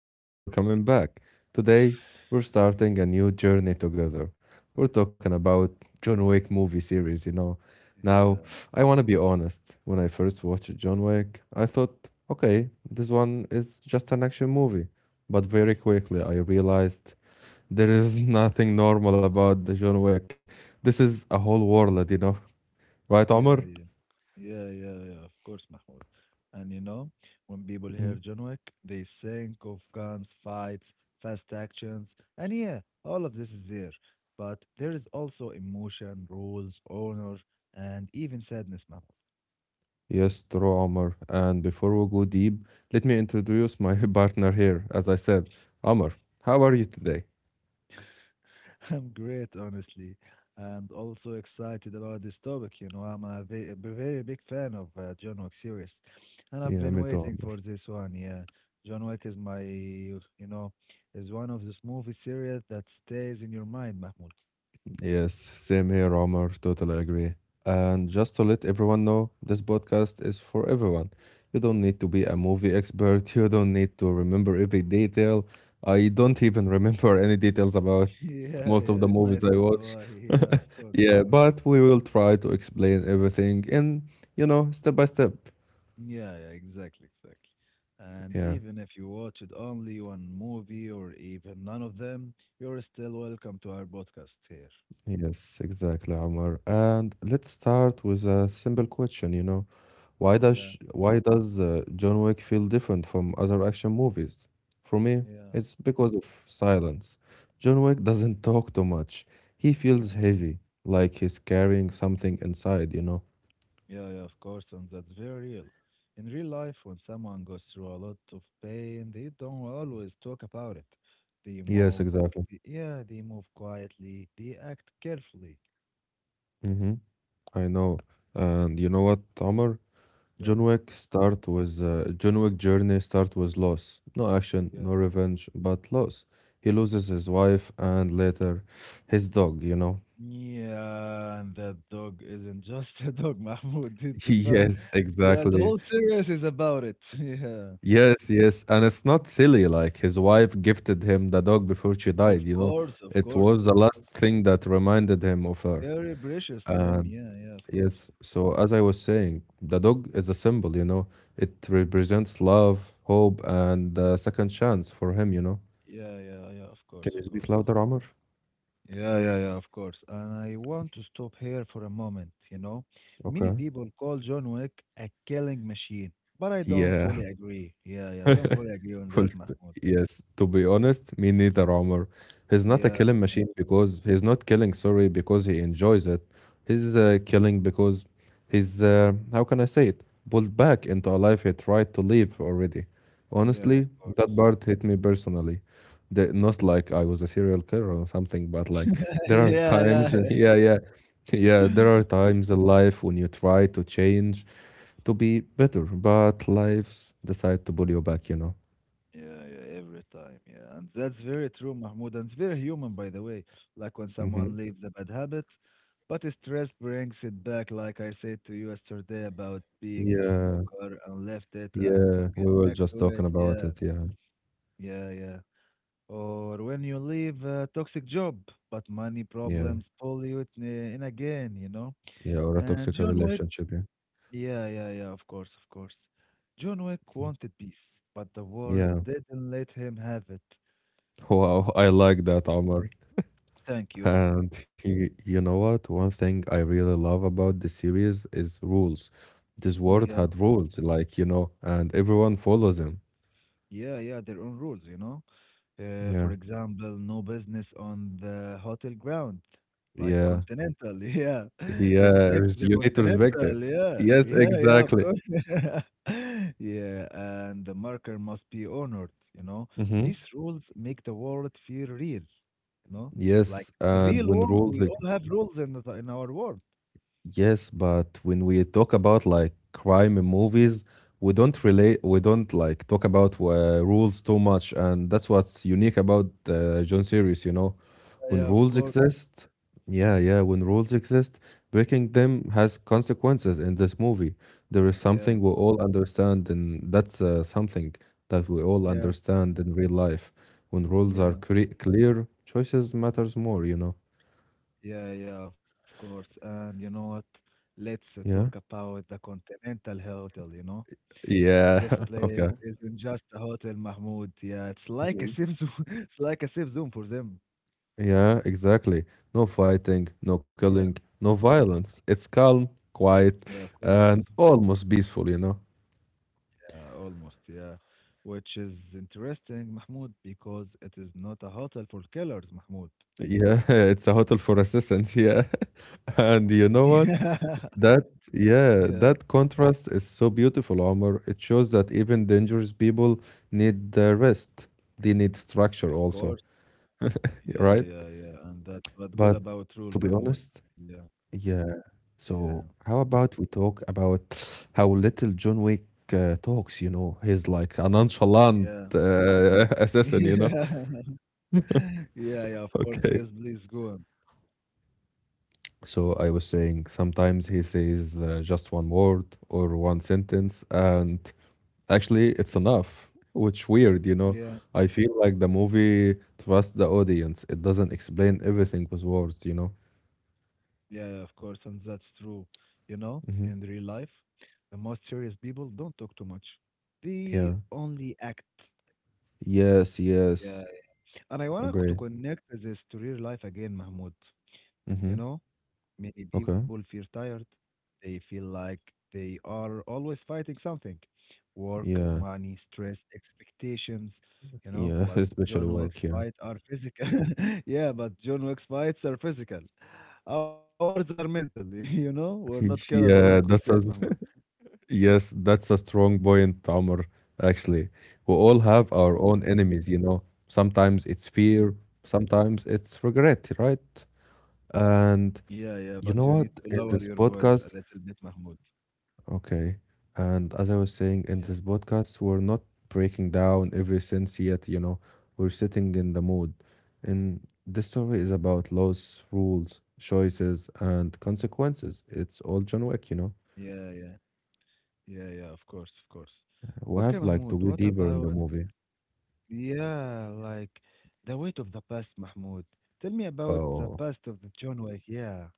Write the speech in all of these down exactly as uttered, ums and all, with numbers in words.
thank you for coming back. Today, we're starting a new journey together. We're talking about John Wick movie series, you know. Now, Yeah, I want to be honest. When I first watched John Wick, I thought, okay, this one is just an action movie. But very quickly, I realized there is nothing normal about the John Wick. This is a whole world, you know. Right, yeah, Omar? yeah, yeah, yeah, yeah, of course, Mahmoud. And you know, when people hear Mhm. John Wick, they think of guns, fights, fast actions, and yeah, all of this is there. But there is also emotion, rules, honor, and even sadness, Mahmoud. Yes, true, Omar. And before we go deep, let me introduce my partner here. As I said, Omar, how are you today? I'm great, honestly, and also excited about this topic. You know, I'm a ve- a very big fan of uh, John Wick series, and I've Yeah, been me too, waiting Omar. for this one. Yeah, John Wick is my, you know, is one of those movie series that stays in your mind, Mahmoud. Yes, same here, Omar. Totally agree. And just to let everyone know, this podcast is for everyone. You don't need to be a movie expert. You don't need to remember every detail. I don't even remember any details about Yeah, most of the yeah, movies I neither do watch. I. Yeah, of course, of Yeah, course. but we will try to explain everything in, you know, step by step. Yeah, yeah, exactly, exactly. And Yeah. even if you watched only one movie or even none of them, you're still welcome to our podcast here. Yes, exactly, Omar. And let's start with a simple question, you know. Why Yeah, does why does uh, John Wick feel different from other action movies? For me, yeah, it's because of silence. John Wick doesn't talk too much. He feels yeah. heavy, like he's carrying something inside, you know. Yeah, yeah, of course, and that's very real. In real life, when someone goes through a lot of pain, they don't always talk about it. They Yes, move, exactly. yeah, they move quietly, they act carefully. Mm-hmm. I know. And you know what, Omar? But, John Wick Mahmoud, start with uh, John Wick journey start with loss, no action, yeah. no revenge, but loss. He loses his wife and later his dog. You know. Yeah, and that dog isn't just a dog, Mahmoud. It's about, Yes, yeah, the exactly. whole series is about it. Yeah, Yes, yes, and it's not silly. Like his wife gifted him the dog before she of died. You know, course, of it course. was the It's last thing that reminded him of her. very precious to him. And Yeah, yeah, of yes, course. so as I was saying, the dog is a symbol. You know, it represents love, hope, and the second chance for him. You know. Yeah, yeah, yeah, of Can course, you of speak course. louder, Omar? Yeah, yeah, yeah, of course. And I want to stop here for a moment. You know, many Okay. people call John Wick a killing machine, but I don't Yeah. fully agree. Yeah, yeah, don't fully agree on Full, that, Mahmoud. yes, to be honest, me neither, Omar. He's not a Yeah, killing machine Mahmoud. because he's not killing, sorry, because he enjoys it. He's uh, killing because he's, uh, how can I say it, pulled back into a life he tried to live already. Yeah, yeah, of Honestly, that course. part hit me personally. The, not like I was a serial killer or something, but like there are Yeah, times, and yeah, yeah, yeah, yeah, there are times in life when you try to change to be better, but lives decide to pull you back, you know. yeah, yeah, every time. Yeah, and that's very true, Mahmoud. And it's very human, by the way. Like when someone Mhm. leaves a bad habit, but stress brings it back. Like I said to you yesterday about being a Yeah, smoker and left it and to yeah, get we were back just to it. talking about Yeah. it. Yeah, Yeah, yeah. Or when you leave a toxic job, but money yeah, problems pull you in eh, in again, you know? yeah, or a And toxic John Wick, relationship. Yeah, yeah, yeah, yeah, of course, of course. John Wick wanted peace, but the world yeah. didn't let him have it. Wow, I like that, Omar. Thank you, Mahmoud. And you, you know what? One thing I really love about the series is rules. This world Yeah, had rules, like, you know, and everyone follows them. yeah, yeah, their own rules, you know? Uh, for Yeah, example, no business on the hotel ground, like yeah, Continental. Yeah, yeah. respect res- the You need to respect Continental. it. Yeah, Yes, yeah, yeah, of exactly. course. Yeah, and the marker must be honored, you know. Hmm. These rules make the world feel real, you know, like Yes, the and real when world. rules We all have rules in the, in our world. yes, but when we talk about like crime in movies, we don't relate, we don't like talk about uh, rules too much, and that's what's unique about uh, John series, you know. When Yeah, yeah, rules of course. exist, yeah, yeah, when rules exist, breaking them has consequences in this movie. There is something we Yeah, all understand, and that's uh, something that we all yeah, understand in real life. When rules are cre- yeah, clear, choices matters more, you know. yeah, yeah, of course. And you know what? Let's uh, talk Yeah. about the Continental Hotel, you know. Yeah. This Okay. place isn't just a hotel, Mahmoud. Yeah, it's like a safe zone. It's like a safe zone for them. Yeah, exactly. No fighting, no Yeah, killing, no violence. It's calm, yeah, quiet, of course. and almost peaceful, you know? Yeah, almost. Yeah, which is interesting, Mahmoud, because it is not a hotel for killers, Mahmoud. Yeah, it's a hotel for assassins, yeah. And you know what? Yeah, That, yeah, yeah, that contrast is so beautiful, Omar. It shows that even dangerous people need the rest. They need structure of also, course. Yeah, right? yeah, yeah. And that's what good But about to rule, be Mahmoud. honest, Yeah, yeah. yeah, So, how about we talk about how little John Wick uh, talks? You know, he's like a nonchalant yeah, uh, assassin, you know? yeah, yeah, yeah. Of course, Okay. yes. Please go on. So, I was saying sometimes he says uh, just one word or one sentence, and actually, it's enough, which weird, you know? Yeah. I feel like the movie trusts the audience. It doesn't explain everything with words, you know? Yeah, yeah, of course, and that's true. You know, Hmm. in real life, the most serious people don't talk too much. Yeah. They only act. Yes, yes. Yeah. And Agree. I want to connect this to real life again, Mahmoud. Hmm. You know, many Okay. people feel tired. They feel like they are always fighting something, work, Yeah. money, stress, expectations, you know. Yeah, But especially John Wick's work, yeah. fight are physical. Yeah, but John Wick's fights are physical. Ours are mental, you know. We're not killers like we said, Yeah, that's Mahmoud. a yes, that's a strong point, Omar. Actually, we Yeah, all thank have you. our Thank own enemies, you know. Sometimes it's Mm. fear, sometimes it's regret, right? Yeah, And yeah, but you need you know to what? lower your In this voice a little podcast, bit, Mahmoud. okay. And as I was saying, Yeah, in this podcast, we're not breaking down every sense yet, you know. We're sitting in the mood. And this story is about laws, rules, choices, and consequences. It's all John Wick, you know. yeah, yeah, yeah, yeah, of course, of course. We Okay, have like to Mahmoud, go what deeper in about, the movie. yeah, like the weight of the past, Mahmoud. Tell me about the Oh, past of the John Wick. Yeah,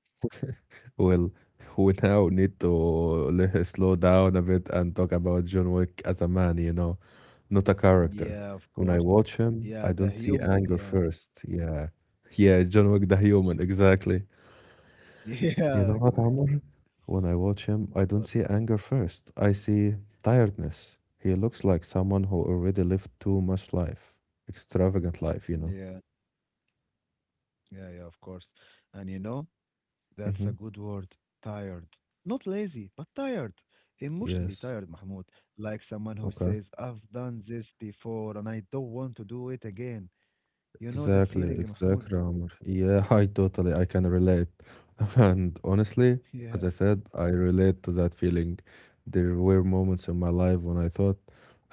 well, we now need to le- slow down a bit and talk about John Wick as a man, you know, not a character. yeah, of When I course. watch him, Yeah, I the don't see human. anger Yeah, first. Yeah. Yeah, John Wick the human, exactly. yeah, You know exactly. what, Amr? When I watch him, I What, don't see Mahmoud? anger first. I see tiredness. He looks like someone who already lived too much life, extravagant life, you know. Yeah, yeah, yeah, of course. And you know, that's a good Mm-hmm. word. Tired. Not lazy, but tired. Emotionally Yes. tired, Mahmoud. Like someone who Okay. says, I've done this before and I don't want to do it again. You know that Exactly, feeling, Mahmoud? exactly, Omar. Yeah, I totally, I can relate. And honestly, Yeah. as I said, I relate to that feeling. There were moments in my life when I thought,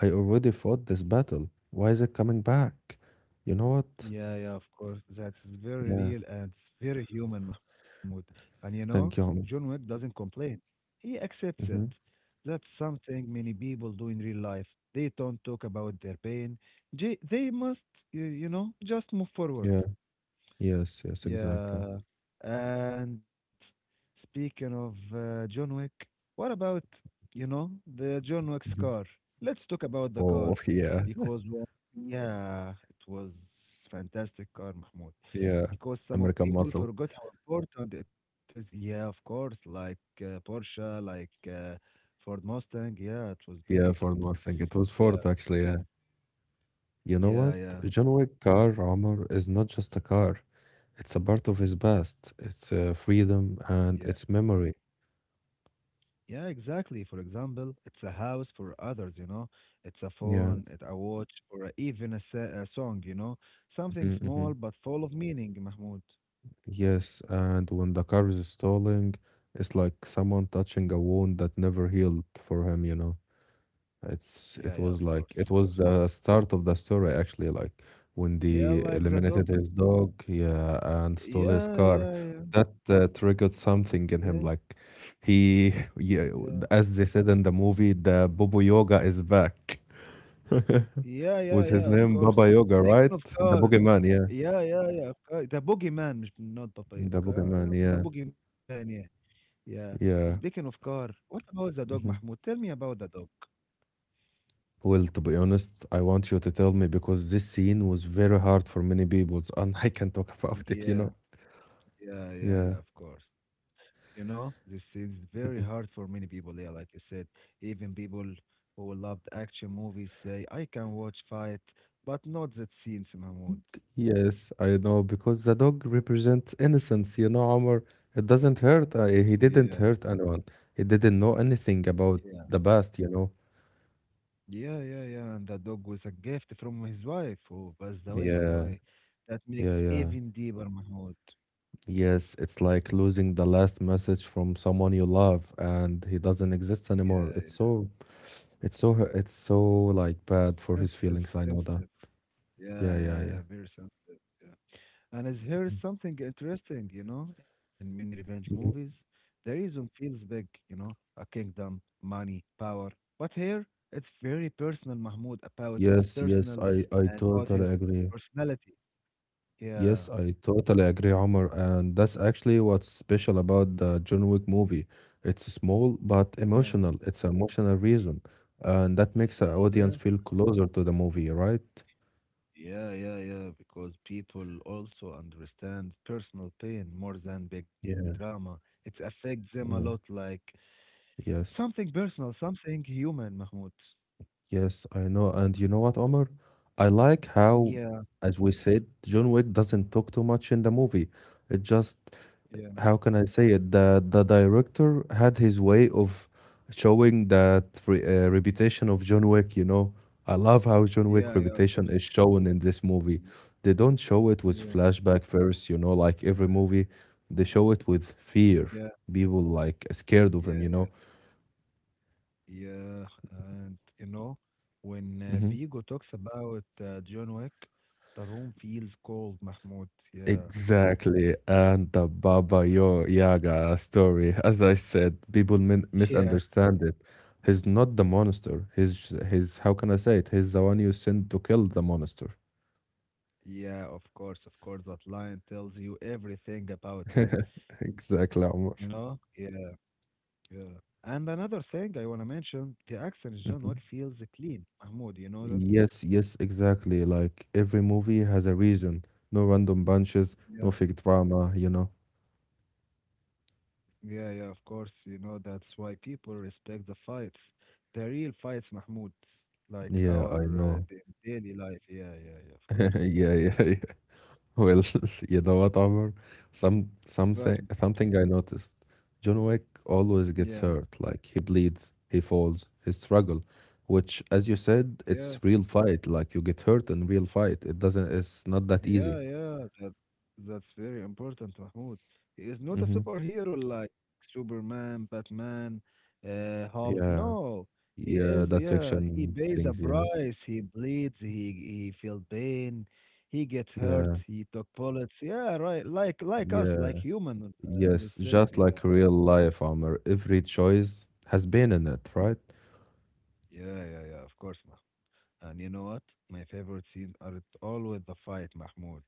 I already fought this battle. Why is it coming back? You know what? Yeah, yeah, of course. That's very Yeah, real and it's very human, Mahmoud. And you know, thank you, John Omar. Wick doesn't complain. He accepts it. Hmm. That's something many people do in real life. They don't talk about their pain. J- They must, y- you know, just move forward. Yeah, yes, yes, exactly. Yeah. And speaking of uh, John Wick, what about, you know, the John Wick's Hmm. car? Let's talk about the car Oh, yeah, because, well, yeah, it was fantastic car, Mahmoud. yeah. Because some of American people Muscle. forgot how important it is. Yeah, of course, like uh, Porsche, like uh, Ford Mustang. Yeah, it was very Yeah, good. Ford Mustang. It was Yeah, Ford, actually, yeah. You know yeah, what? yeah, John Wick car, Omar, is not just a car. It's a part of his past. It's uh, freedom yeah. and it's memory. Yeah, exactly. For example, it's a house for others, you know. It's a Yeah. phone, it's a watch, or even a, sa- a song, you know. Something Mhm, small mhm. but full of meaning, Mahmoud. Yes. And when the car is stalling, it's like someone touching a wound that never healed for him, you know. Yeah, It's yeah, it of was course, like of it was course. the start of the story actually, like when Yeah, they like the dog. eliminated his dog, yeah, and stole his Yeah, car. yeah, yeah, That uh, triggered something yeah, in him, like he, yeah, yeah. as they said in the movie, the Bobo Yoga is back. Yeah, yeah, With yeah, his of name, course. Baba Yoga, Speaking right? of The cars, boogeyman, yeah. yeah, yeah, yeah, of course. The boogeyman, مش- not Papa, The car, yeah, boogeyman, but the yeah. boogeyman, yeah, yeah. Speaking Yeah. of car, what about the dog, Mahmoud? Mhm. Tell me about the dog. Well, to be honest, I want you to tell me because this scene was very hard for many people, and I can talk about it, you Yeah. know? Yeah, yeah, Yeah. yeah, of course. You know, this seems very hard Mhm. for many people, yeah, like you said. Even people who loved action movies say, I can watch fight, but not that scenes, Mahmoud. Yes, I know, because the dog represents innocence, you know, Omar. It doesn't hurt. uh, He Yeah, didn't hurt anyone. He didn't know anything yeah. about the past, you know? Yeah, yeah, yeah. And the dog was a gift from his wife, who passed away, by the Yeah, way. That yeah, makes yeah. even deeper, Mahmoud. Yes, it's like losing the last message from someone you love and he doesn't exist Yeah, anymore. yeah. It's so it's so hu- it's so like bad for his Sensitive, feelings. I know that. sensitive. Yeah, Yeah, yeah, yeah, yeah. yeah, very sensitive, yeah. And is here is Mhm. something interesting, you know, in many revenge movies, Mhm. the reason feels big, you know, a kingdom, money, power. But here, it's very personal, Mahmoud, about his Yes, yes, personal I I and about totally his agree. personality. Yeah, Yes, I totally agree, Omar. And that's actually what's special about the John Wick movie. It's small but yeah, emotional. It's an emotional reason, and that makes the yeah, audience feel closer to the movie, right? yeah, yeah, yeah, because people also understand personal pain more than big drama. Yeah, It affects them a lot, yeah, like, something yes. personal, something human, Mahmoud. Yes, I know. And you know what, Omar? I like how, Yeah, as we said, John Wick doesn't talk too much in the movie. It just, yeah, how can I say it? The the director had his way of showing that re uh, reputation of John Wick, you know? I love how John yeah, Wick yeah, of course, reputation is shown in this movie. They don't show it with yeah. flashback first, you know, like every movie. They show it with Yeah, fear. People like scared of yeah, him, you know? yeah. And you know, when uh, Mm-hmm. Vigo talks about uh, John Wick, the room feels cold, Mahmoud. Yeah, Exactly. And the Baba Yo Yaga story, as I said, people min yeah, misunderstand it. He's not the monster. He's j- he's how can I say it? He's the one you sent to kill the monster. yeah, of course, of course. That line tells you everything about him, Exactly, you Omar. know? Yeah, yeah. And another thing I want to mention, the accent in John Wick Mhm. feels clean, Mahmoud. You know that? Yes, yes, exactly. Like every movie has a reason. No random bunches, no fake drama, you know. Yeah, yeah, of course. You know, that's why people respect the fights, the real fights, Mahmoud, like Yeah, I our uh, know. da- daily life. Yeah, yeah, yeah, of course. Yeah, yeah, well, you know what, Omar? Some But something something I noticed. John Wick always yeah, gets hurt. Like he bleeds, he falls, he struggle, which, as you said, yeah. it's real fight. Like you get hurt in real fight. It doesn't. It's not that Yeah, easy. yeah, that, that's very important, Mahmoud. He is not a Mm-hmm. superhero like Superman, Batman, uh, Hulk. Yeah, No, he yeah, is, that yeah, he fiction pays a things, yeah. price. He bleeds, he, he feel pain, he get hurt, Yeah, he took bullets. Yeah, right, like like us, yeah, like human, uh, as we yes, said, just yeah. like real life armor, every choice has been in it, right? Yeah, yeah, yeah, of course, Mahmoud. And you know what? My favorite scenes are always the fight, Mahmoud.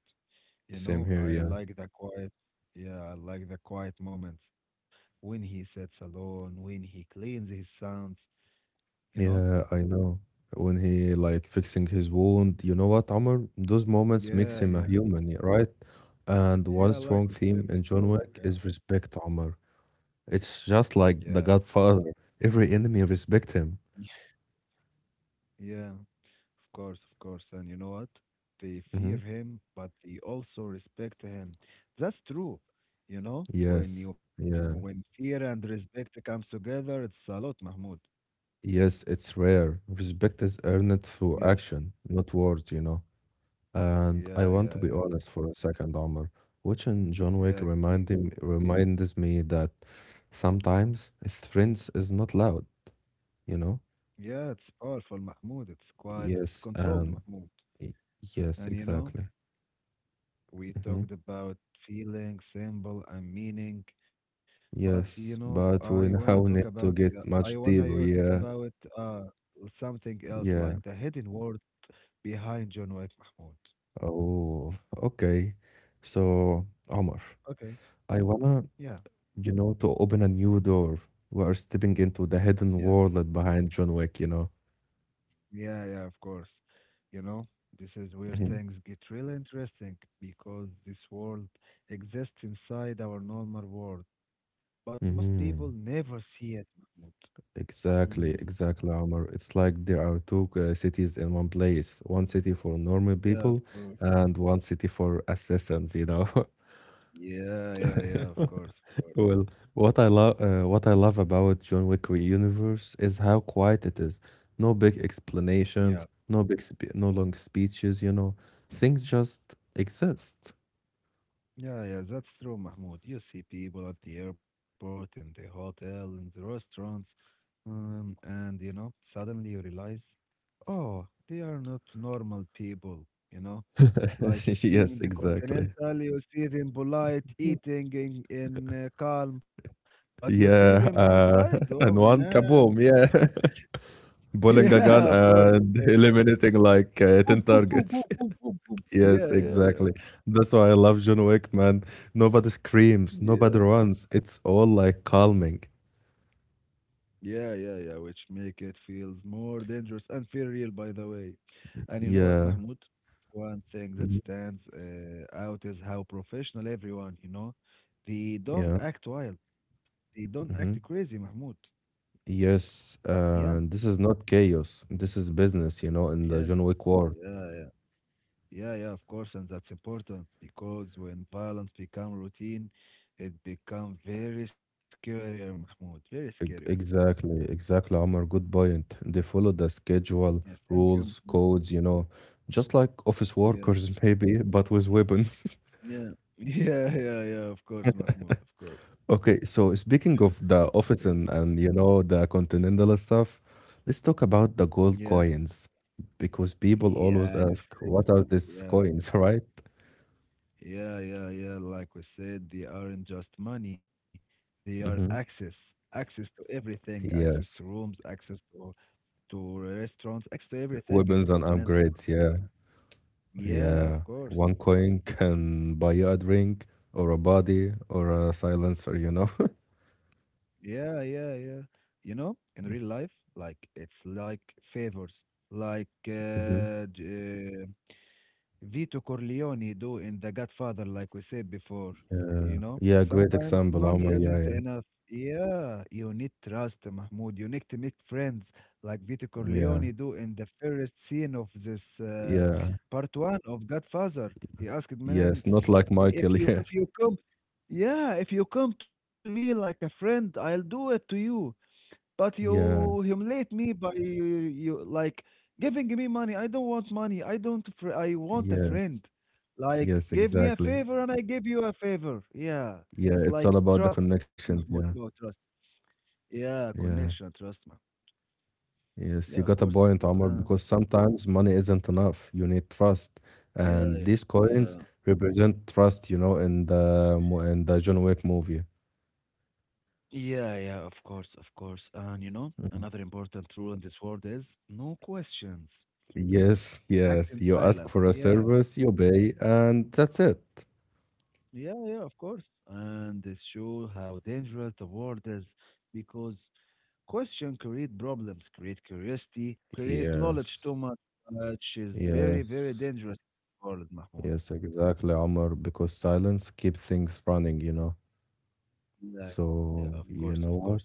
You Same know, here, I yeah. like the quiet. Yeah, I like the quiet moments when he sits alone, when he cleans his sounds, you know? Yeah, I know. When he like fixing his wound, you know what, Amr? Those moments makes Yeah, him a yeah. human, yeah, right? And one Yeah, strong like we theme said in John before. Wick Yeah. is respect, Amr. It's just Yeah. like The Godfather. Every enemy respect him. Yeah, of course, of course. And you know what? They Hmm. fear him, but they also respect him. That's true. You know, when you Yes, f- when yeah, fear and respect comes together, it's a lot, Mahmoud. yes, it's rare. Respect is earned through Yeah, action, not words, you know. And I yeah, want to yeah, be yeah. honest for a second, Omar. Watching John Wick Yeah, please. reminding reminds me that sometimes strength is not loud, you know? Yeah, it's powerful, Mahmoud. It's quiet, it's Yes, controlled, and Mahmoud. y- yes, And you know, exactly. we Hmm. talked about feeling, symbol, and meaning. But you know, Yes, I but wanna we talk now about, need uh, to I get wanna much you talk deeper. Yeah, about uh something else, like yeah. the hidden word behind John Wick, Mahmoud. Oh, okay. So, Omar, Okay, I wanna, yeah, you know, to open a new door. We are stepping into the yeah. hidden world behind John Wick, you know? Yeah, yeah, of course. You know, this is where Hmm things get really interesting because this world exists inside our normal world, but most people hmm never see it, Mahmoud. Mm. Exactly, exactly, Omar. It's like there are two uh, cities in one place. One city for normal Yeah, of people course. and one city for assassins, you know. Yeah, yeah, yeah, of course, of course. Well, what I love uh, what I love about John Wick re- universe is how quiet it is. No big Yeah, explanations, no big spe- no long speeches, you know. Things just exist. yeah, yeah, that's true, Mahmoud. You see people at the airport, in the hotel, in the restaurants, um, and you know, suddenly you realize, oh, they are not normal people, you know? Like you see him in Yes, the exactly. continental, you see them polite, eating in, in uh, calm, but you see them Yeah, outside. uh, Oh and one man, don't. kaboom, yeah. Yeah, Bolingagan of course, of and course. eliminating like uh, Boom, ten boom, boom, boom, targets. boom, boom, boom. Yeah, Yes, yeah, yeah, exactly. That's why I love John Wick, man. Nobody screams, nobody yeah, runs. It's all like calming. yeah, yeah, yeah. Which make it feels more dangerous and feel real, by the way. And you know what, Yeah. Mahmoud? One thing that Mhm. stands uh, out is how professional everyone. You know, they don't Yeah. act wild. They don't act crazy, hmm Mahmoud. Yes. Yeah, Uh, this is not chaos. This is business, you know, in the yeah, John Wick war. yeah, yeah, yeah, yeah, of course, and that's important because when violence become routine, it become very scarier, Mahmoud, very scarier. Ex- Exactly, exactly, Omar. Good point. They follow the Yeah, schedule, thank you, rules, Mahmoud. codes, you know, just like office Yeah, workers, maybe, but with weapons. yeah, yeah, yeah, yeah, of course, Mahmoud, of course. Okay, so speaking of the Uh, office and, and you know the continental stuff, let's talk about the yeah, gold coins because people always yeah, it's ask, what are simple. these Yeah, coins, right? yeah, yeah, yeah. Like we said, they aren't just money; they are hmm access, access to everything, access to Yes, rooms, access to to restaurants, access to everything in the weapons and continental. upgrades. Yeah, Yeah, yeah. of course. One coin can buy you a drink or a body or a silencer, you know? Yeah, yeah, yeah. You know, in real life, like it's like favors, like Mhm. uh, j- uh, Vito Corleone do in The Godfather, like we said before. Yeah, You know, yeah, great sometimes example, money Omar. Yeah, isn't yeah, enough. Yeah, you need trust, Mahmoud. You need to make friends, like Vito yeah, Corleone do in the first scene of this uh, yeah. part one of Godfather. He asked, "Man, Yes, not like If Michael. you if you come, yeah, if you come to me like a friend, I'll do it to you. But you Yeah, humiliate me by you, you like giving me money. I don't want money. I don't. Fr- I want a yeah, yes, friend. Like yes, give me a exactly. favor and I give you a favor." Yeah, Yeah, it's it's all like about the trust, Mahmoud. connections. About Yeah, trust. Yeah, yeah, connection, trust, Mahmoud. Yeah, yes, you of got a course, point, Mahmoud. Omar, Uh, because sometimes money isn't enough. You need trust, Yeah, and yeah, these coins yeah. represent trust, you know, in the mo- in the John Wick movie. Yeah, yeah, of course, of course. And you know, another Mhm. important rule in this world is no questions. Yes, Act yes, in you ask silence. for a Yeah, service, you pay, and that's it. yeah, yeah, of course. And this show how dangerous the world is because question create problems, create curiosity, create knowledge Yes, too much, which is very, very yes, dangerous in this world, Mahmoud. yes, exactly, Omar, because silence keeps things running, you know. Yeah, yeah, of So, course, of you course. know Ma- what?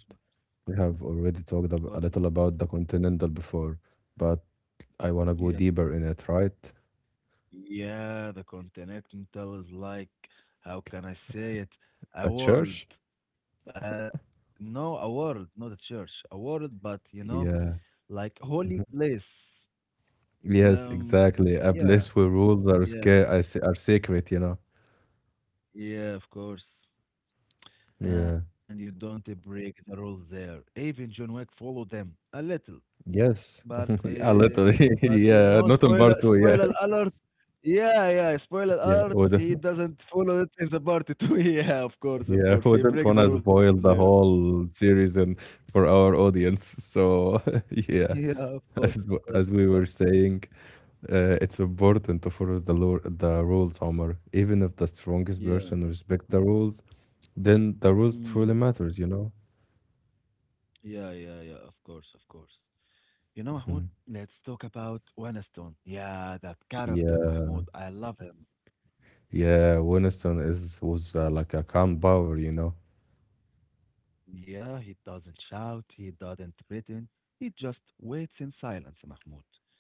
We have already talked What, ab- Mahmoud? a little about the continental before, but I want to go deeper in it, right? Yeah, the continental is like, how can I say it? A A world. church? Uh, no, a world, not a church. A world, but you know, Yeah. like holy Mhm. place. Yes, Um, exactly. A yeah, place where rules are yeah, sca- are s- are sacred, you know? yeah, of course. Yeah. And you don't break the rules there. Even John Wick follow them a little. Yes. But, A uh, little. but you Yeah. know, Not in spoiler part two. Yeah. spoiler alert. Yeah, yeah, spoiler Yeah. alert. Wouldn't, He doesn't follow it in the part two. Yeah, of course, of yeah. course. He Wouldn't break want the to rules there. spoil the whole series and for our audience. So, Yeah, yeah. of As, course, of w- as course, of we were course. saying, Uh, it's important to follow the law, the rules, Omar. Even if the strongest Yeah. person respect the rules, then the rules truly Mm. matters, you know. Yeah, yeah, yeah. Of course, of course. You know, Mahmoud, Mhm. let's talk about Stone. Yeah, that character, Yeah, Mahmoud. I love him. yeah. Winston is was uh, like a calm power, you know. Yeah, he doesn't shout. He doesn't threaten. He just waits in silence, Mahmoud.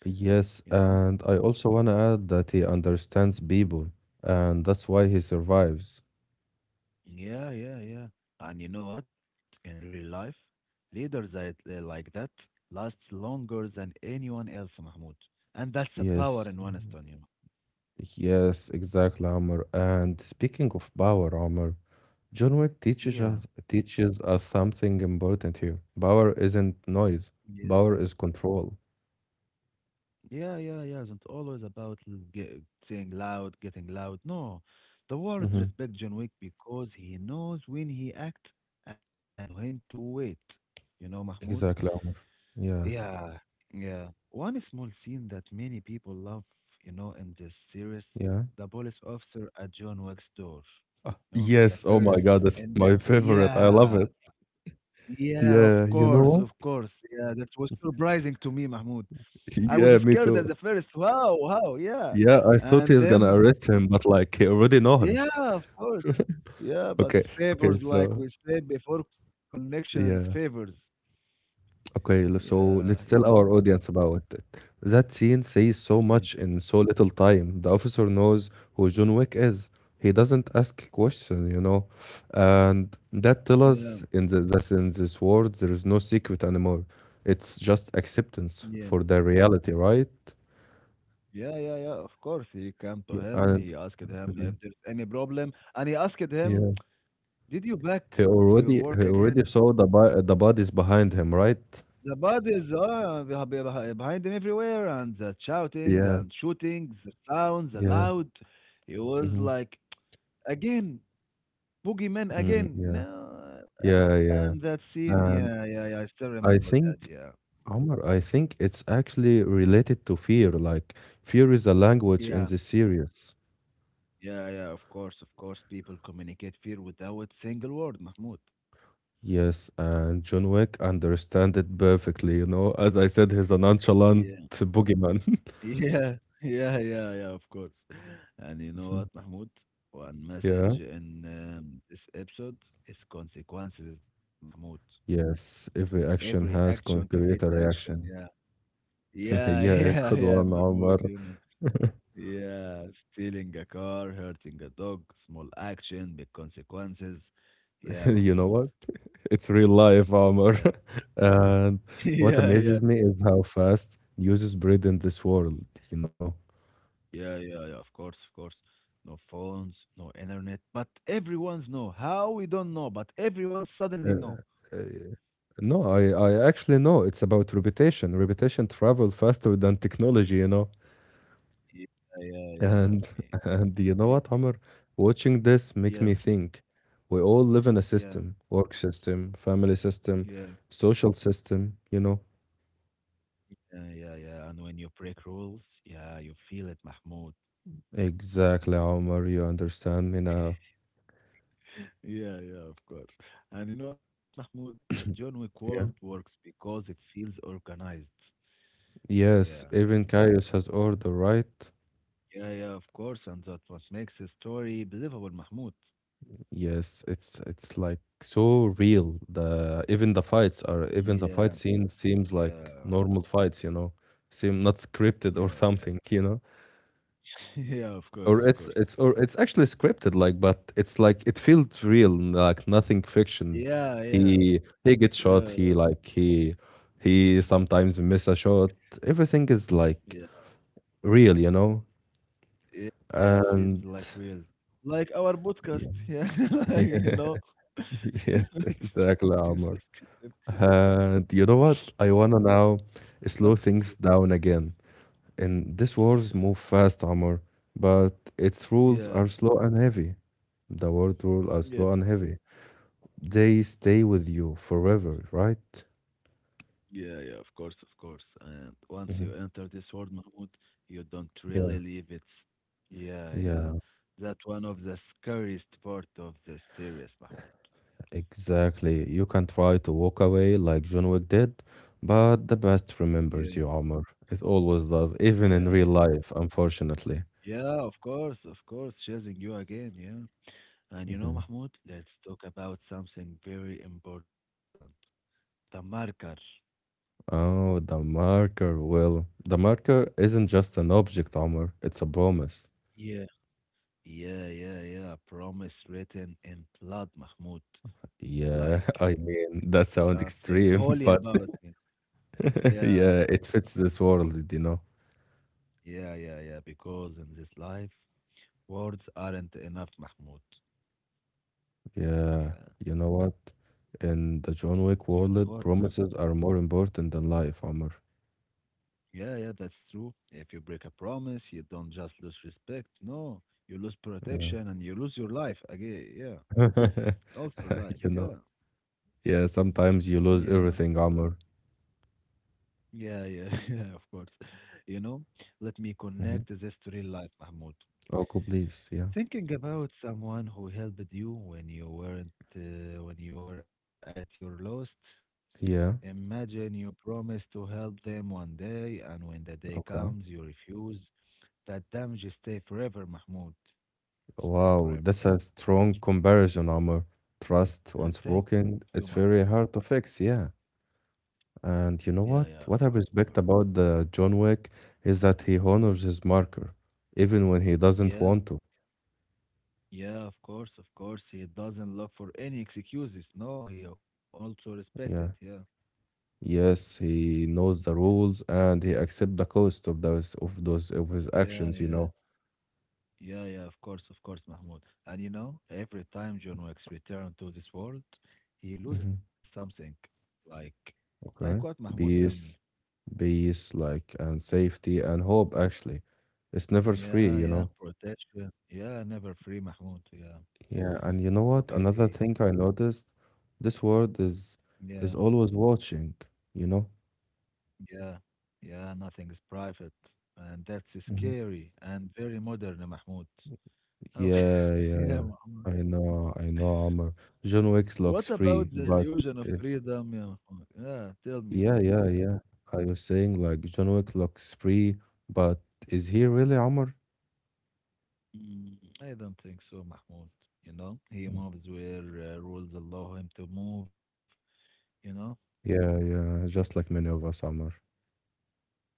Yes, You know. and I also want to add that he understands people, and that's why he survives. Yeah, yeah, yeah. And you know what? In real life, leaders that, uh, like that last longer than anyone else, Mahmoud. And that's a power Yes, in one you know. yes, exactly, Omar. And speaking of power, Omar, John Wick teaches Yeah, us, teaches us something important here. Power isn't noise. yeah, Power is control. yeah, yeah, yeah. Isn't always about l- ge- saying loud, getting loud. No, the world Hmm respect John Wick because he knows when he acts and when to wait. You know, Mahmoud? Exactly, Omar. Yeah, Yeah, yeah. One small scene that many people love, you know, in this series, yeah. the police officer at John Wick's door. You know, the Yes. Oh my Ferris God, that's and my the f- favorite. I love it. yeah, yeah, of Yeah. You course, know of what? course. Yeah, that was surprising to me, Mahmoud. I was Yeah, me scared that the too. Ferris, wow, wow, yeah. Yeah, I thought And he's gonna then arrest him, but like he already know him. yeah, of course. Yeah, but Okay. Okay. favors like So we said before, connections yeah. favors. Okay, l- so Yeah, you let's tell know? our audience about it. That scene says so much in so little time. The officer knows who John Wick is. He doesn't ask question, you know, and that tell Yeah, us in the that in this world there is no secret anymore. It's just acceptance yeah. for the reality, right? Yeah, yeah, yeah. Of course, he came to Yeah, him. and He asked him Mhm. if there's any problem, and he asked him, Yeah, "Did you back he to your already work he again?" already saw the bo- the bodies behind him, The right? bodies are beh- beh- beh- behind him everywhere, and the shouting Yeah, and shooting, the sounds, the yeah, loud. It was mm-hmm. like again, boogeyman Mm, again. yeah, No, yeah, and that yeah. scene. Yeah, yeah, And yeah. I still remember I that. think Yeah, Omar, I think it's actually related to fear. Like, fear is a language in yeah, this series. yeah, yeah. Of course, of course. People communicate fear without single word, Mahmoud. Yes, and John Wick understand it perfectly, you know. As I said, he's a nonchalant Yeah. boogeyman. Yeah, yeah, yeah, yeah, of course. And you know what, Mahmoud? One Yeah. message in um, this episode is consequences, Mahmoud. Yes, every Every action has action con- create create a reaction. reaction. Yeah, yeah, Yeah, yeah, good yeah, one, Omar. Mahmoud. You know, yeah, stealing a car, hurting a dog, small action, big consequences. Yeah, You know Mahmoud. what? It's real life, Yeah, Omar. And yeah, what yeah. amazes me is how fast news is spread in this world, you know. Yeah, yeah, yeah, of course, of course. No phones, no internet, but everyone's know. How we don't know, but everyone suddenly Uh, know. uh, No, I I actually know it's about reputation. Reputation travel faster than technology, you know. Yeah, yeah, yeah. And may- and you know what, Maybe. Amr? Watching this makes Yeah, me no, think. We all live in a yeah, system, work system, family yeah, system, social system, you know. yeah, yeah, yeah. And when you break rules, yeah, you feel it, Mahmoud. Exactly, Omar, you understand me now. Yeah, yeah, of course. And you know what, Mahmoud? The John Wick world Yeah. works because it feels organized. Yeah, Yes, even chaos has order, right? yeah, yeah, of course. And that's what makes a story believable, Mahmoud. Yes, it's it's like so real. The even the fights are even Yeah, the fight scene seems yeah, like normal fights, you know, seem not scripted or yeah, something, you know, yeah, of course, or of it's course. it's or it's actually scripted, like, but it's like it feels real, like nothing fiction. Yeah, yeah, He he gets yeah, shot. He like he he sometimes miss a shot. Everything is like yeah, real, you know, yeah, yeah. and Seems like real, like our podcast. yeah, Yeah, like, you know, yes, this exactly, is Omar. good. Uh, you know what? I wanna now But slow things down again. And these wars move fast, Amr, but its rules yeah, are slow and heavy. The world rules are yeah, slow and heavy. They stay with you forever, right? yeah, yeah. Of course, of course. And once you Mhm. enter this world, Mahmoud, you don't really Yeah, leave it. Yeah, yeah. yeah, That one of the scariest part of the series, Mahmoud. exactly. You can try to walk away like John Wick did, but the past Yeah, remembers you, Amr. It always does, even yeah, in real yeah. life, unfortunately. Yeah, of course, of course. Chasing you again. Yeah. And you know, Mahmoud, let's talk about something very important. The marker. Oh, the marker. Well, the marker isn't just an object, Omar. It's a promise. Yeah, yeah, yeah, yeah. Promise written in blood, Mahmoud. Yeah, Like I mean, that sounds something holy extreme, about but it. Yeah, yeah, it fits this world, you know? yeah, yeah, yeah. Because in this life, words aren't enough, Mahmoud. Yeah, Yeah. you know what? In the Do John you know Wick what, world, Mahmoud? promises are more important than life, Omar. Yeah, yeah, that's true. If you break a promise, you don't just lose respect. No, you lose Yeah. protection and you lose your life again. Yeah. Also life. You know? Yeah. Yeah, sometimes you Yeah. lose everything, Omar. Yeah, yeah, yeah, of course. You know, let me Mm-hmm. connect this to real life, Mahmoud. Oh, please. Yeah. Thinking about someone who helped you when you weren't, uh, when you were at your lowest. Yeah. Imagine you promise to help them one day, and when the day Okay. comes, you refuse. That damage stay forever, Mahmoud. Stay Wow, forever. that's a strong comparison, Amr. Trust Uh, once Thank you, broken, it's Mahmoud. very hard to fix, yeah. And you Yeah, know yeah, what? of course, What I of course. respect about the John Wick is that he honors his marker, even when he doesn't Yeah, want to. yeah, of course, of course. He doesn't look for any excuses. No, he also respected. Yeah. Yeah. Yes, he knows the rules and he accepts the cost of those of those of his Yeah, actions, you yeah, know. yeah, yeah, of course, of course, Mahmoud. And you know, every time John Wick's return to this world, he loses Hmm something. Like, like what Okay. Mahmoud tell me? Peace, peace, like and safety and hope actually. It's never free, Yeah, you yeah, know. protection. Yeah, never free, Mahmoud. Yeah. Yeah, and you know what? Another Okay. thing I noticed, this world is Yeah, is always watching, you know? yeah, yeah, nothing is private. And that's Mhm. scary and very modern, Mahmoud. Okay. Yeah, Yeah, yeah. Mahmoud. I know, I know, Amr. John Wick looks What free, about the but illusion of it, freedom, yeah, Mahmoud? Yeah, tell me, yeah, tell me, yeah, yeah. yeah. I was saying like John Wick looks free, but is he really Amr? Mm, I don't think so, Mahmoud. You know, he moves where uh, rules allow him to move, you know? Yeah, yeah, just like many of us, Amr.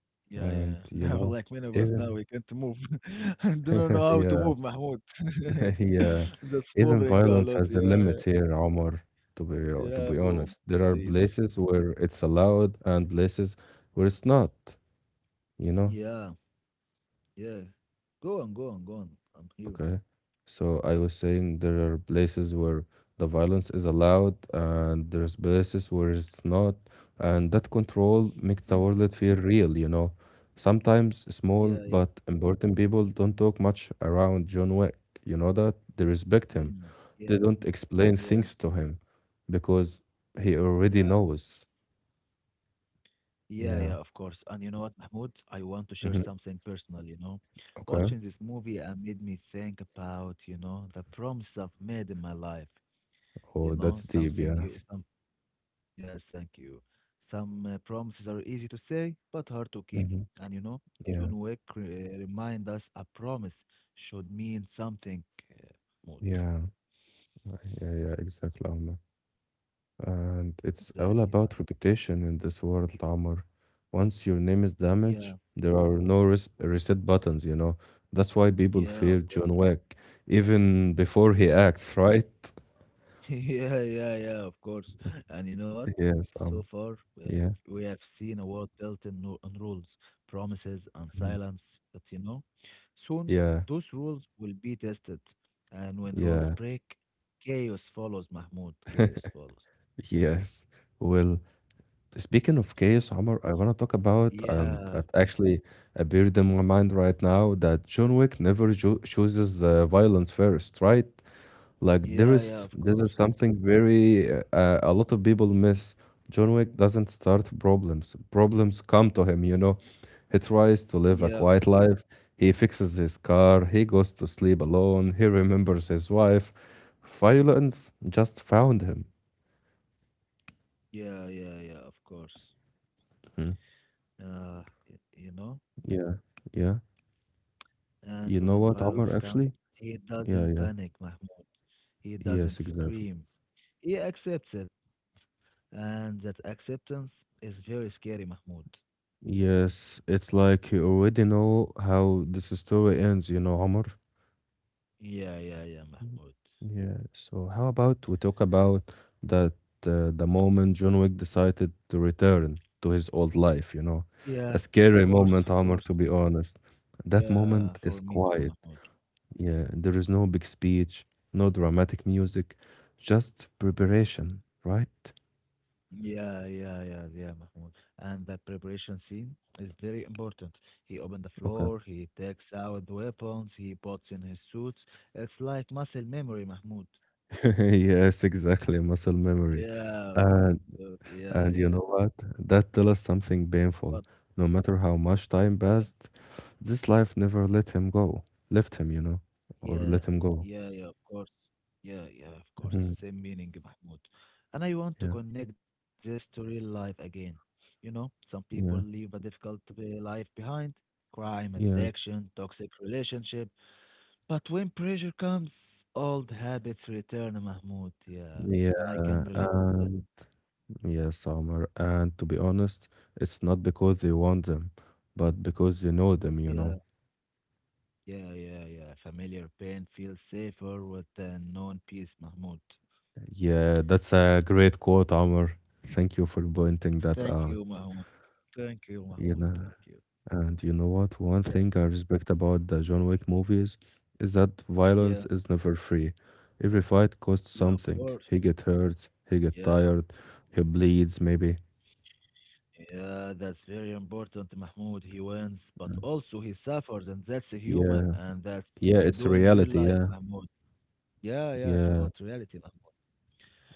Yeah, yeah. And Now, you know, like many of us now, we even can't move and do not know how to yeah. move, Mahmoud. Yeah, That's even boring a violence lot. has a Yeah, limit here, Omar, to be to yeah, be go on, honest. There are please. places where it's allowed and places where it's not, you know? Yeah, yeah. Go on, go on, go on. I'm here. Okay. So I was saying there are places where the violence is allowed and there's places where it's not. And that control Yeah, makes the world feel real, you know. Sometimes yeah, small yeah, but important people don't talk much around John Wick. You know that? They respect him. yeah, yeah, They don't explain yeah, things to him because he yeah. already knows. Yeah, yeah, of Yeah. course. And you know what, Mahmoud? I want to share hmm something personal, you know. Okay. Watching this movie uh, made me think about, you know, the promises I've made in my life, you Oh, know, that's deep. something Yeah. you some yeah, thank you. Some uh, promises are easy to say but hard to keep. hmm And you know, John Yeah. Wick uh, remind us a promise should mean something, uh, Mahmoud. Yeah. Yeah. Yeah. Exactly. And it's Exactly, man. all about reputation in this world, Omar. Once your name is Yeah, damaged, there are no res reset buttons, you know. That's why people yeah, of fear course. John Wick even before he acts, right? Yeah, yeah, yeah, of course. And you know what? Yes, So um, far, we have, yeah. we have seen a world built in no, on rules, promises, and Mhm. silence. But you know, soon Yeah, those rules will be tested. And when rules yeah, break, chaos follows, Mahmoud. Chaos follows. Yeah. yes. Well, speaking of chaos, Omar, I want to talk Yeah. about, Yeah. and it actually appeared in my mind right now that John Wick never cho chooses uh, violence first, right? Like there Yeah, is yeah, of this is course. something very uh, uh, a lot of people miss. John Wick doesn't start problems. Problems come to him, you know. He tries to live Yeah, a of quiet course. life. He fixes his car. He goes to sleep alone. He remembers his wife. Violence just found him. Yeah, yeah, yeah, of course. Mhm. Uh, y- you know? Yeah, yeah. And You know when what, violence Omar, comes, actually? he Yeah, doesn't yeah. panic, Mahmoud. He Yes, doesn't exactly. scream. He accepts it. And that acceptance is very scary, Mahmoud. Yes, it's like you already know how this story ends, you know, Omar. Yeah, yeah, yeah, Mm, Mahmoud. yeah. So how about we talk about that uh, the moment John Wick decided to return to his old life, you know? Yeah, A of scary course, of moment, Amr, course. to be honest. That Yeah, moment for is me too, quiet. Mahmoud. Yeah, there is no big speech, no dramatic music, just preparation, right? Yeah, yeah, yeah, yeah, Mahmoud. And the preparation scene is very important. He opened the Okay. floor, he takes out the weapons, he puts in his suits. It's like muscle memory, Mahmoud. Yes, exactly. Muscle memory. Yeah, of And course. Yeah, yeah. And you know what? That tells us something But painful. No matter how much time yeah, passed, this life never let him go. Left him, you know, or yeah, let him go. yeah, yeah, of course. Yeah, yeah, of course. Hmm Same meaning, Mahmoud. And I want to Yeah, connect this to real life again. You know, some people yeah, leave a difficult uh, life behind, crime, yeah, addiction, toxic relationship. But when pressure comes, old habits return, Mahmoud. Yeah. yeah. And I can relate to that. Um, yeah, Summer. And to be honest, it's not because they want them, but because you know them, you Yeah, know. yeah, yeah, yeah. Familiar pain feels safer with the known peace, Mahmoud. Yeah, that's a great quote, Amr. Thank you for pointing Thank that you, out. Mahmoud. Thank you, Mahmoud. You Thank know. you. And you know what? One Yeah. thing I respect about the John Wick movies is that violence Yeah, is never free. Every fight costs yeah, of something. course. He get hurt, he get Yeah, tired, he bleeds maybe. yeah, that's very important, Mahmoud. He wins, but Mm. also he suffers, and that's a human, Yeah, and that's yeah, we it's do in real reality, life, yeah. Mahmoud. Yeah, yeah, it's Yeah. about reality, Mahmoud.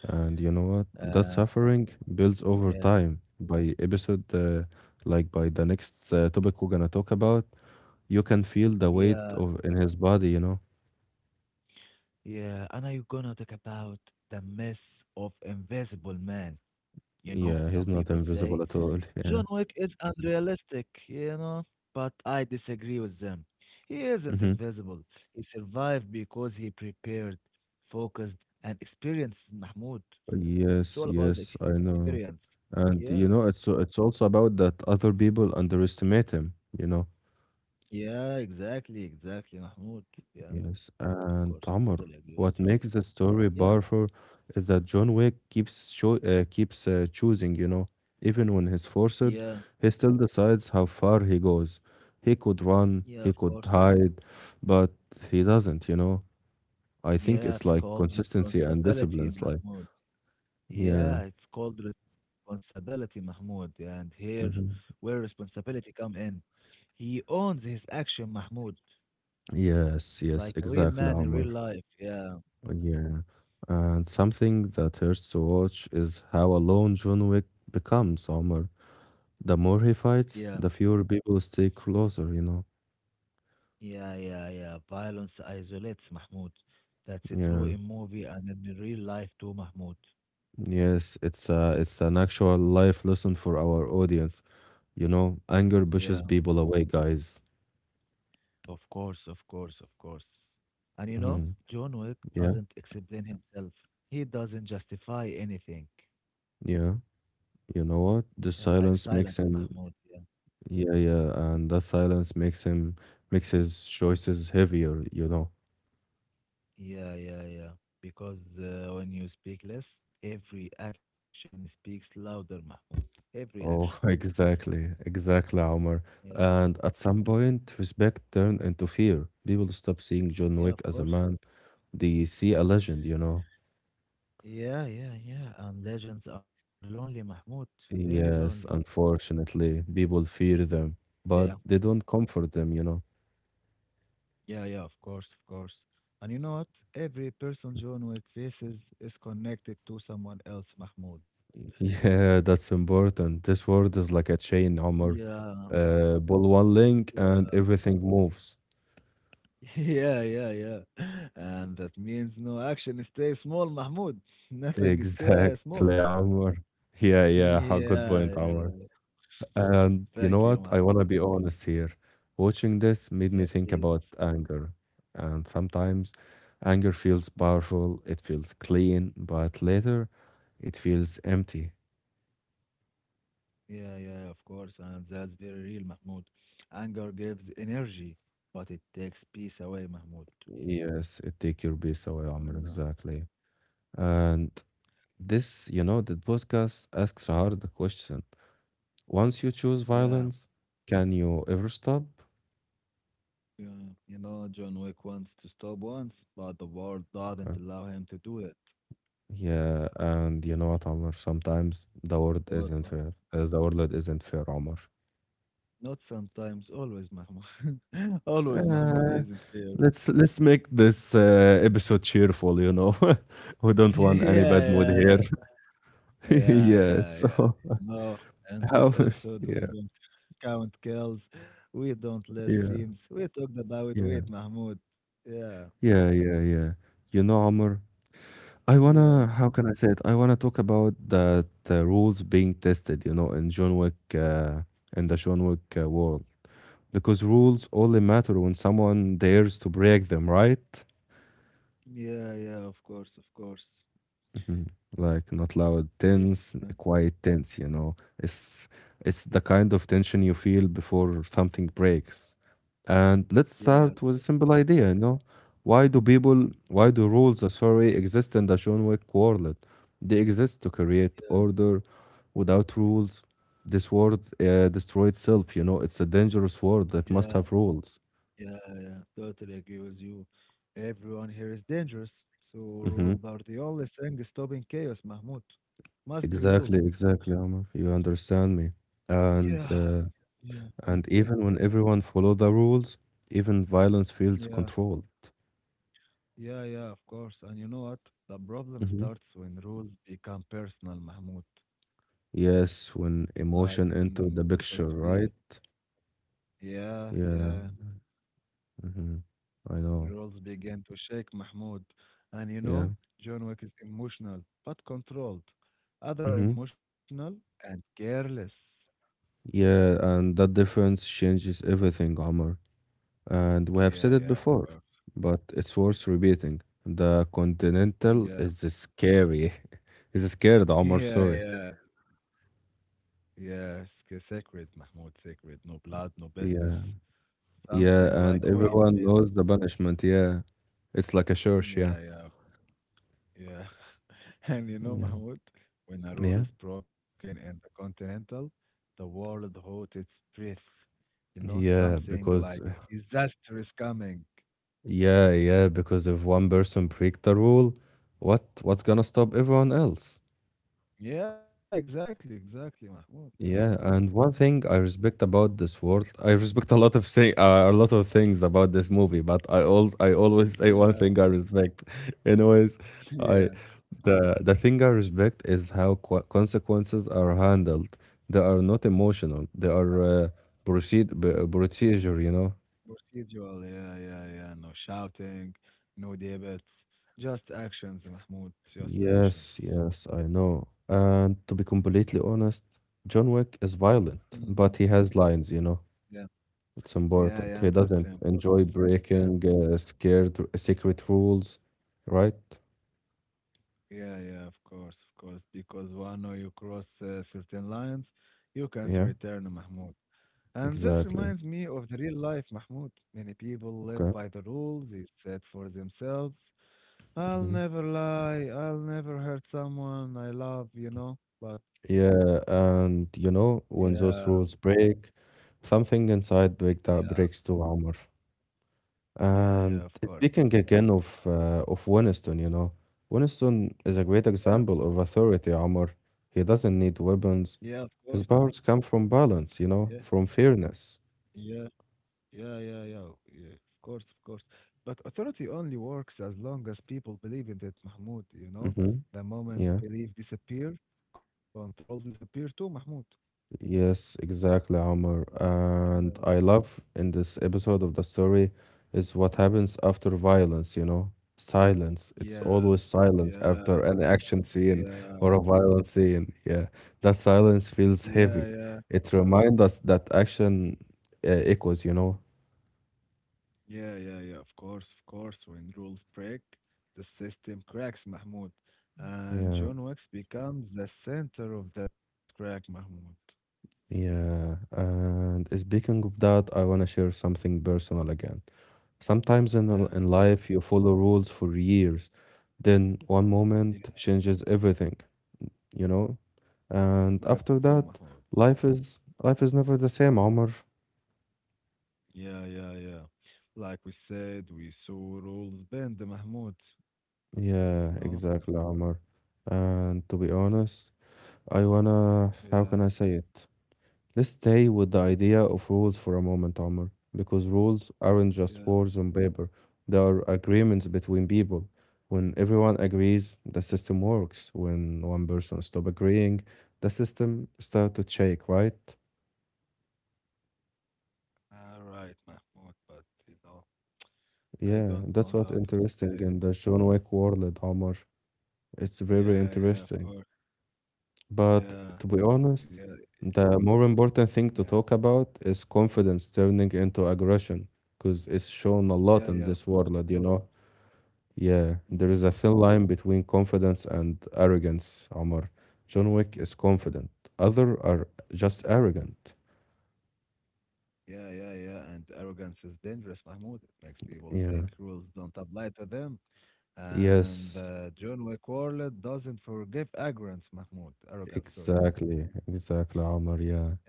And you know what? That Uh, suffering builds yeah, over time. By episode, uh, like by the next uh, topic we're gonna talk about, you can feel the weight yeah, of in his body, you know? yeah. And are you gonna talk about the myth of invisible man. You know, some Yeah, people he's not say invisible at all. John Wick Yeah. is unrealistic, you know, but I disagree with them. He isn't hmm invisible. He survived because he prepared, focused, and experienced Mahmoud. It's Yes, all about the yes, I experience. know. Yeah, And you know, it's it's also about that other people underestimate him, you know. yeah, exactly, exactly, Mahmoud. Yeah, Yes. of And course, Tamar, totally agree with what you. makes the story Yeah, powerful is that John Wick keeps show, uh, keeps uh, choosing, you know. Even when he's forced, yeah, he still decides how far he goes. He could run, yeah, he of could course. hide, but he doesn't, you know. I think Yeah, it's it's like called consistency and responsibility, discipline's like, Mahmoud. yeah. Yeah, it's called responsibility, Mahmoud. And here, Hmm. where responsibility come in. He owns his action, Mahmoud, Yes, yes, like a real exactly, man in real Amr. life. Yeah, Yeah, and something that hurts to watch is how alone John Wick becomes, Omar. The more he yeah, fights, the fewer people stay closer, you know. yeah, yeah, yeah. Violence isolates Mahmoud. That's true Yeah. in movie and in real life too, Mahmoud. Yes, it's a, it's an actual life lesson for our audience. You know, anger Yeah, pushes people away, guys. of course, of course, of course. And you know, Hmm. John Wick Yeah, doesn't explain himself. He doesn't justify anything. yeah. You know what? Yeah, The like silence silence, makes Mahmoud. him, Yeah, yeah, yeah, and that silence makes him makes his choices heavier, you know. yeah, yeah, yeah. Because uh, when you speak less, every action speaks louder, Mahmoud. Every action. Oh, exactly, exactly, Omar. Yeah. And at some point, respect turned into fear. People stop seeing John Yeah, Wick of as a course. man. They see a legend, you know? Yeah, yeah, yeah. And legends are lonely, Mahmoud. Very lonely. Yes, unfortunately, people fear them, Yeah, but they don't comfort them, you know? yeah, yeah, of course, of course. And you know what? Every person John Wick faces is connected to someone else, Mahmoud. Yeah, that's important. This world is like a chain, Omar. Yeah, Uh, pull one link yeah, and everything moves. yeah, yeah, yeah And that means no action Stay small, Mahmoud. Nothing Stay Exactly, small. Omar. Yeah, yeah, a good Yeah, point, yeah. Omar. And Thank you you, know what? Mahmoud. I want to Thank be honest here. Watching this made you. Yeah, me think please. about anger. And sometimes anger feels powerful, it feels clean, but later it feels empty. Yeah, yeah, of course, and that's very real, Mahmoud. Anger gives energy, but it takes peace away, Mahmoud. Yes, it take your peace away, Amr, Uh, exactly. And this, you know, the podcast asks a hard question. Once you choose yeah, violence, can you ever stop? yeah, You know, John Wick wants to stop once, but the world doesn't Okay. allow him to do it. Yeah, and you know what, Amr? Sometimes the world But isn't uh, fair. Uh, The world isn't fair, Amr. not sometimes, always, Mahmoud. Always, Mahmoud Uh, isn't fair. let's let's make this uh, episode cheerful. You know, we don't Yeah, want any bad mood here. yeah, yeah, yeah, yeah. yeah, yeah. So You know, in how? this episode, we Yeah, don't count kills. We don't list yeah, scenes. We talked about yeah, wait, Mahmoud. Yeah, yeah, yeah, yeah. You know, Amr, I wanna. yeah, How can I say it? I wanna talk about that uh, rules being tested. You know, in John Wick, uh, in the John Wick uh, world, because rules only matter when someone dares to break them, right? yeah, yeah. Of course, of course. Mm, like not loud, Yeah, tense, quiet tense, you know. It's it's the kind of tension you feel before something breaks. And let's yeah, start with a simple totally ag- idea, you know. Why do people why do rules, uh, sorry, exist in the John Wick world? They exist to create yeah, order. Without rules, this world uh, destroys itself, you know. It's a dangerous world that must yeah, have rules. yeah, yeah. Totally agree with you. Everyone here is dangerous, so Hmm. rules are the only thing stopping chaos, Mahmoud. Must be Exactly, rules. exactly, Omar. You understand me. Yeah, And uh, yeah. Thank you. And even when everyone follow the rules, even violence feels Yeah, controlled. yeah, yeah. Of course. And you know what? The problem Hmm. starts when rules become personal, Mahmoud. Yes, when Like emotion in enter episode the picture, three. right? Yeah, Yeah. yeah. Hmm. I know. Rules began to shake Mahmoud. And you Yeah. know, John Wick is emotional but controlled. Other are Hmm. emotional and careless. Yeah, and that difference changes everything, Omar. And we have Yeah, said it yeah, of before, course. but it's worth repeating. The Continental Yeah. is scary. is scared, Omar, Yeah, sorry. yeah. Yeah, it's c- sacred, Mahmoud, sacred. No blood, no Yeah. business. Yeah, Something like and holy everyone place. knows the punishment, yeah. It's like a church, yeah. Yeah, yeah. Yeah. And you know, Yeah. Mahmoud, when a rule Yeah. is broken in the Continental, the world holds its breath. You know, Yeah, something because like disaster is coming. yeah, yeah, because if one person break the rule, what what's gonna stop everyone else? Yeah, exactly, exactly, Mahmoud. Yeah, Yeah, yeah. and one thing I respect about this world, I respect a lot of say uh, a lot of things about this movie, but I al I always say one thing Yeah, I respect. Anyways, I yeah, the the thing I respect is how qu consequences are handled. They are not emotional. They yeah are uh, proceed b- procedure, you know. Procedural, yeah, yeah, yeah. No shouting, no debates, just actions, Mahmoud, just Yes, actions. yes, I know. And to be completely honest, John Wick is violent, Mm, but he has lines, you know. yeah, It's yeah, yeah. important. He That's an doesn't important enjoy thing. Yeah. breaking uh, scared uh, secret rules, right? Yeah, yeah, of course, of course. Because when you cross uh, certain lines, you can't Yeah, return, Mahmoud. And this exactly. reminds me of the real life, Mahmoud. Many people live Okay. by the rules they set for themselves. I'll Hmm. never lie, I'll never hurt someone I love, you know. But Yeah, and you know, when yeah, those rules break, something inside break yeah, that breaks too, Omar. yeah, And yeah, of course. speaking again of uh, of Winston, you know, Winston is a great Yeah, example of authority, Amr. He doesn't need yeah, of weapons. course. His powers come from balance, you Yeah, know, from fairness. yeah. Yeah, yeah, yeah, yeah. Of course, of course. But authority only works as long as people believe in it, Mahmoud. You know, Mm-hmm. the moment Yeah. belief disappear, control disappear too, Mahmoud. Yes, exactly, Omar. Yeah, And I love in this episode of the story is what happens after violence, you know? Silence. It's yeah, always silence yeah, after an action scene yeah, or a violent scene. Yeah, that silence feels yeah, yeah, heavy. It reminds us that action uh, equals, you know? yeah, yeah, yeah Of course, of course. When rules break, the system cracks, Mahmoud, and Yeah, John Wax becomes the center of that crack, Mahmoud. yeah. And speaking of that, I want to share something personal again. Sometimes in, l- Yeah, in go on. life, you follow rules for years, then one Yeah, moment changes everything, you know? that's And true, after Mahmoud. that, life is life is never the same, Omar. Yeah, yeah, yeah. Like we said, we saw rules bend, Mahmoud. Yeah, Yeah, no? exactly, Omar. And to be honest, I wanna, Yeah, how can I say it? Let's stay with the idea of rules for a moment, Omar, because rules aren't yeah. just words on paper. They are agreements between people. When everyone agrees, the system works. When one person stops agreeing, the system starts to shake, right? All right, Mahmoud, but you know, I Yeah, don't know that's what how to say interesting it. in the John Wick world, Omar. It's very Yeah, yeah, of interesting. course. But Yeah, to be yeah, honest, the more important yeah. thing to talk about is confidence turning into aggression, because it's shown a Yeah, lot yeah, in of this course. world, Go you on. know. Yeah, there Mm. is a thin line between confidence and arrogance, Omar. John Wick is confident. Other are just arrogant. Yeah, yeah, yeah. And arrogance is dangerous, Mahmoud. It makes people Yeah. think rules don't apply to them. And Yes, uh, John Wick Warlord doesn't forgive arrogance, Mahmoud. Arrogance, sorry. exactly. Exactly, Omar. Yeah. Yeah.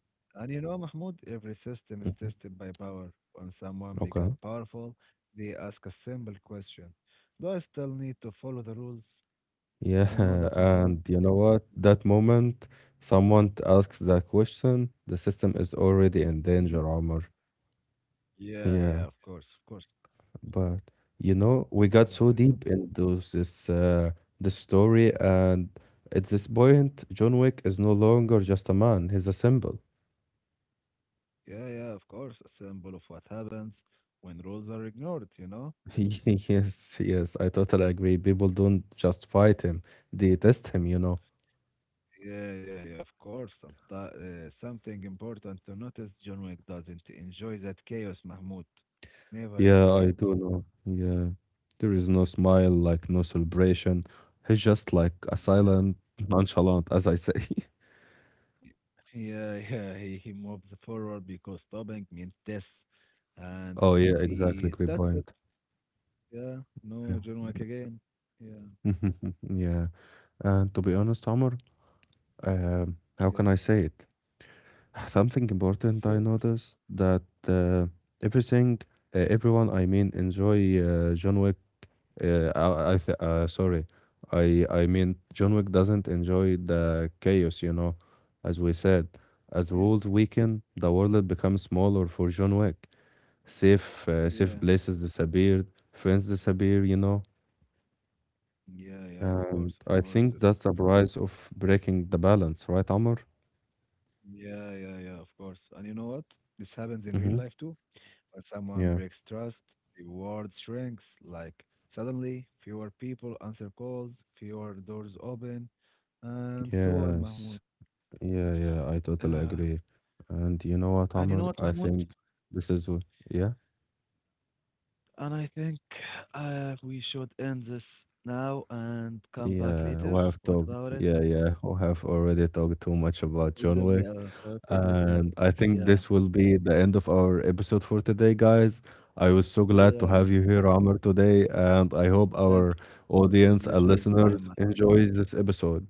And you know, Mahmoud, every system is Mhm. tested by power. When someone become Okay. powerful, they ask a simple question. Do I still need to follow the rules? Yeah, You know that, Mahmoud? and you know what? That moment someone asks that question, the system is already in Yeah. danger, Omar. Yeah, yeah, Yeah. of course, of course. But you know, we got Okay. so deep into this uh, the story, and at this point, John Wick is no longer just a man; he's a symbol. Yeah, yeah, of course. A symbol of what happens when rules are ignored, you know? Yes, yes, I totally agree. People don't just fight him; they test him. You know. Yeah, yeah, yeah, of course. Someti- uh, something important to notice, John Wick doesn't enjoy that chaos, Mahmoud. Never Yeah, enjoy I it. do know. Yeah, there is no smile, like no celebration. He's just like a Yeah. silent, nonchalant, as I say. Yeah, yeah, he, he moves forward because stopping means death, and it Oh will yeah, exactly. be Great that's it. point. Yeah, Yeah. no John Wick again. Yeah, Yeah. And to be honest, Omar, um, yeah, how can I say it? Something that's it. important I noticed that uh, everything, uh, everyone, I mean, enjoy uh, John Wick. Uh, I, I th- uh, sorry, I I mean John Wick doesn't enjoy the chaos. You know, as we said, Yeah, as rules weaken, the world becomes smaller for John Wick. Safe, uh, yeah, Safe places disappeared, friends disappear. You know, yeah, yeah. Of and course, of I course. This, think that's the price of breaking the balance, right, Amr? yeah, yeah, yeah. Of course. And you know what? This happens in real Mm-hmm. life too. When someone Yeah. breaks trust, the world shrinks. Like suddenly, fewer people answer calls, fewer doors open, and so on. Yes. Mahmoud. Yeah, yeah, I Yeah, totally agree. And you know what, And you know what, Amr? I Mahmoud? think this is, wh- yeah, And I think uh, we should end this now and come back yeah, later. we have What talked, about it? yeah, yeah, we have already talked too much Talk about deeply John Wick. about everything. And I Yeah, think this will be the end of our episode for today, guys. I was so glad to yeah. have you here, Amr, today, and I hope Thank our you. It's a audience and pleasure is mine, listeners Mahmoud. enjoy this episode.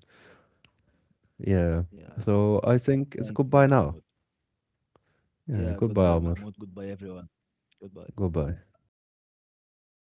Yeah, Yeah, so I thank think you, it's Mahmoud. goodbye now. Yeah, Yeah, goodbye, goodbye, Amr. Mahmoud. Goodbye, everyone. Goodbye. Goodbye. أنا Okay.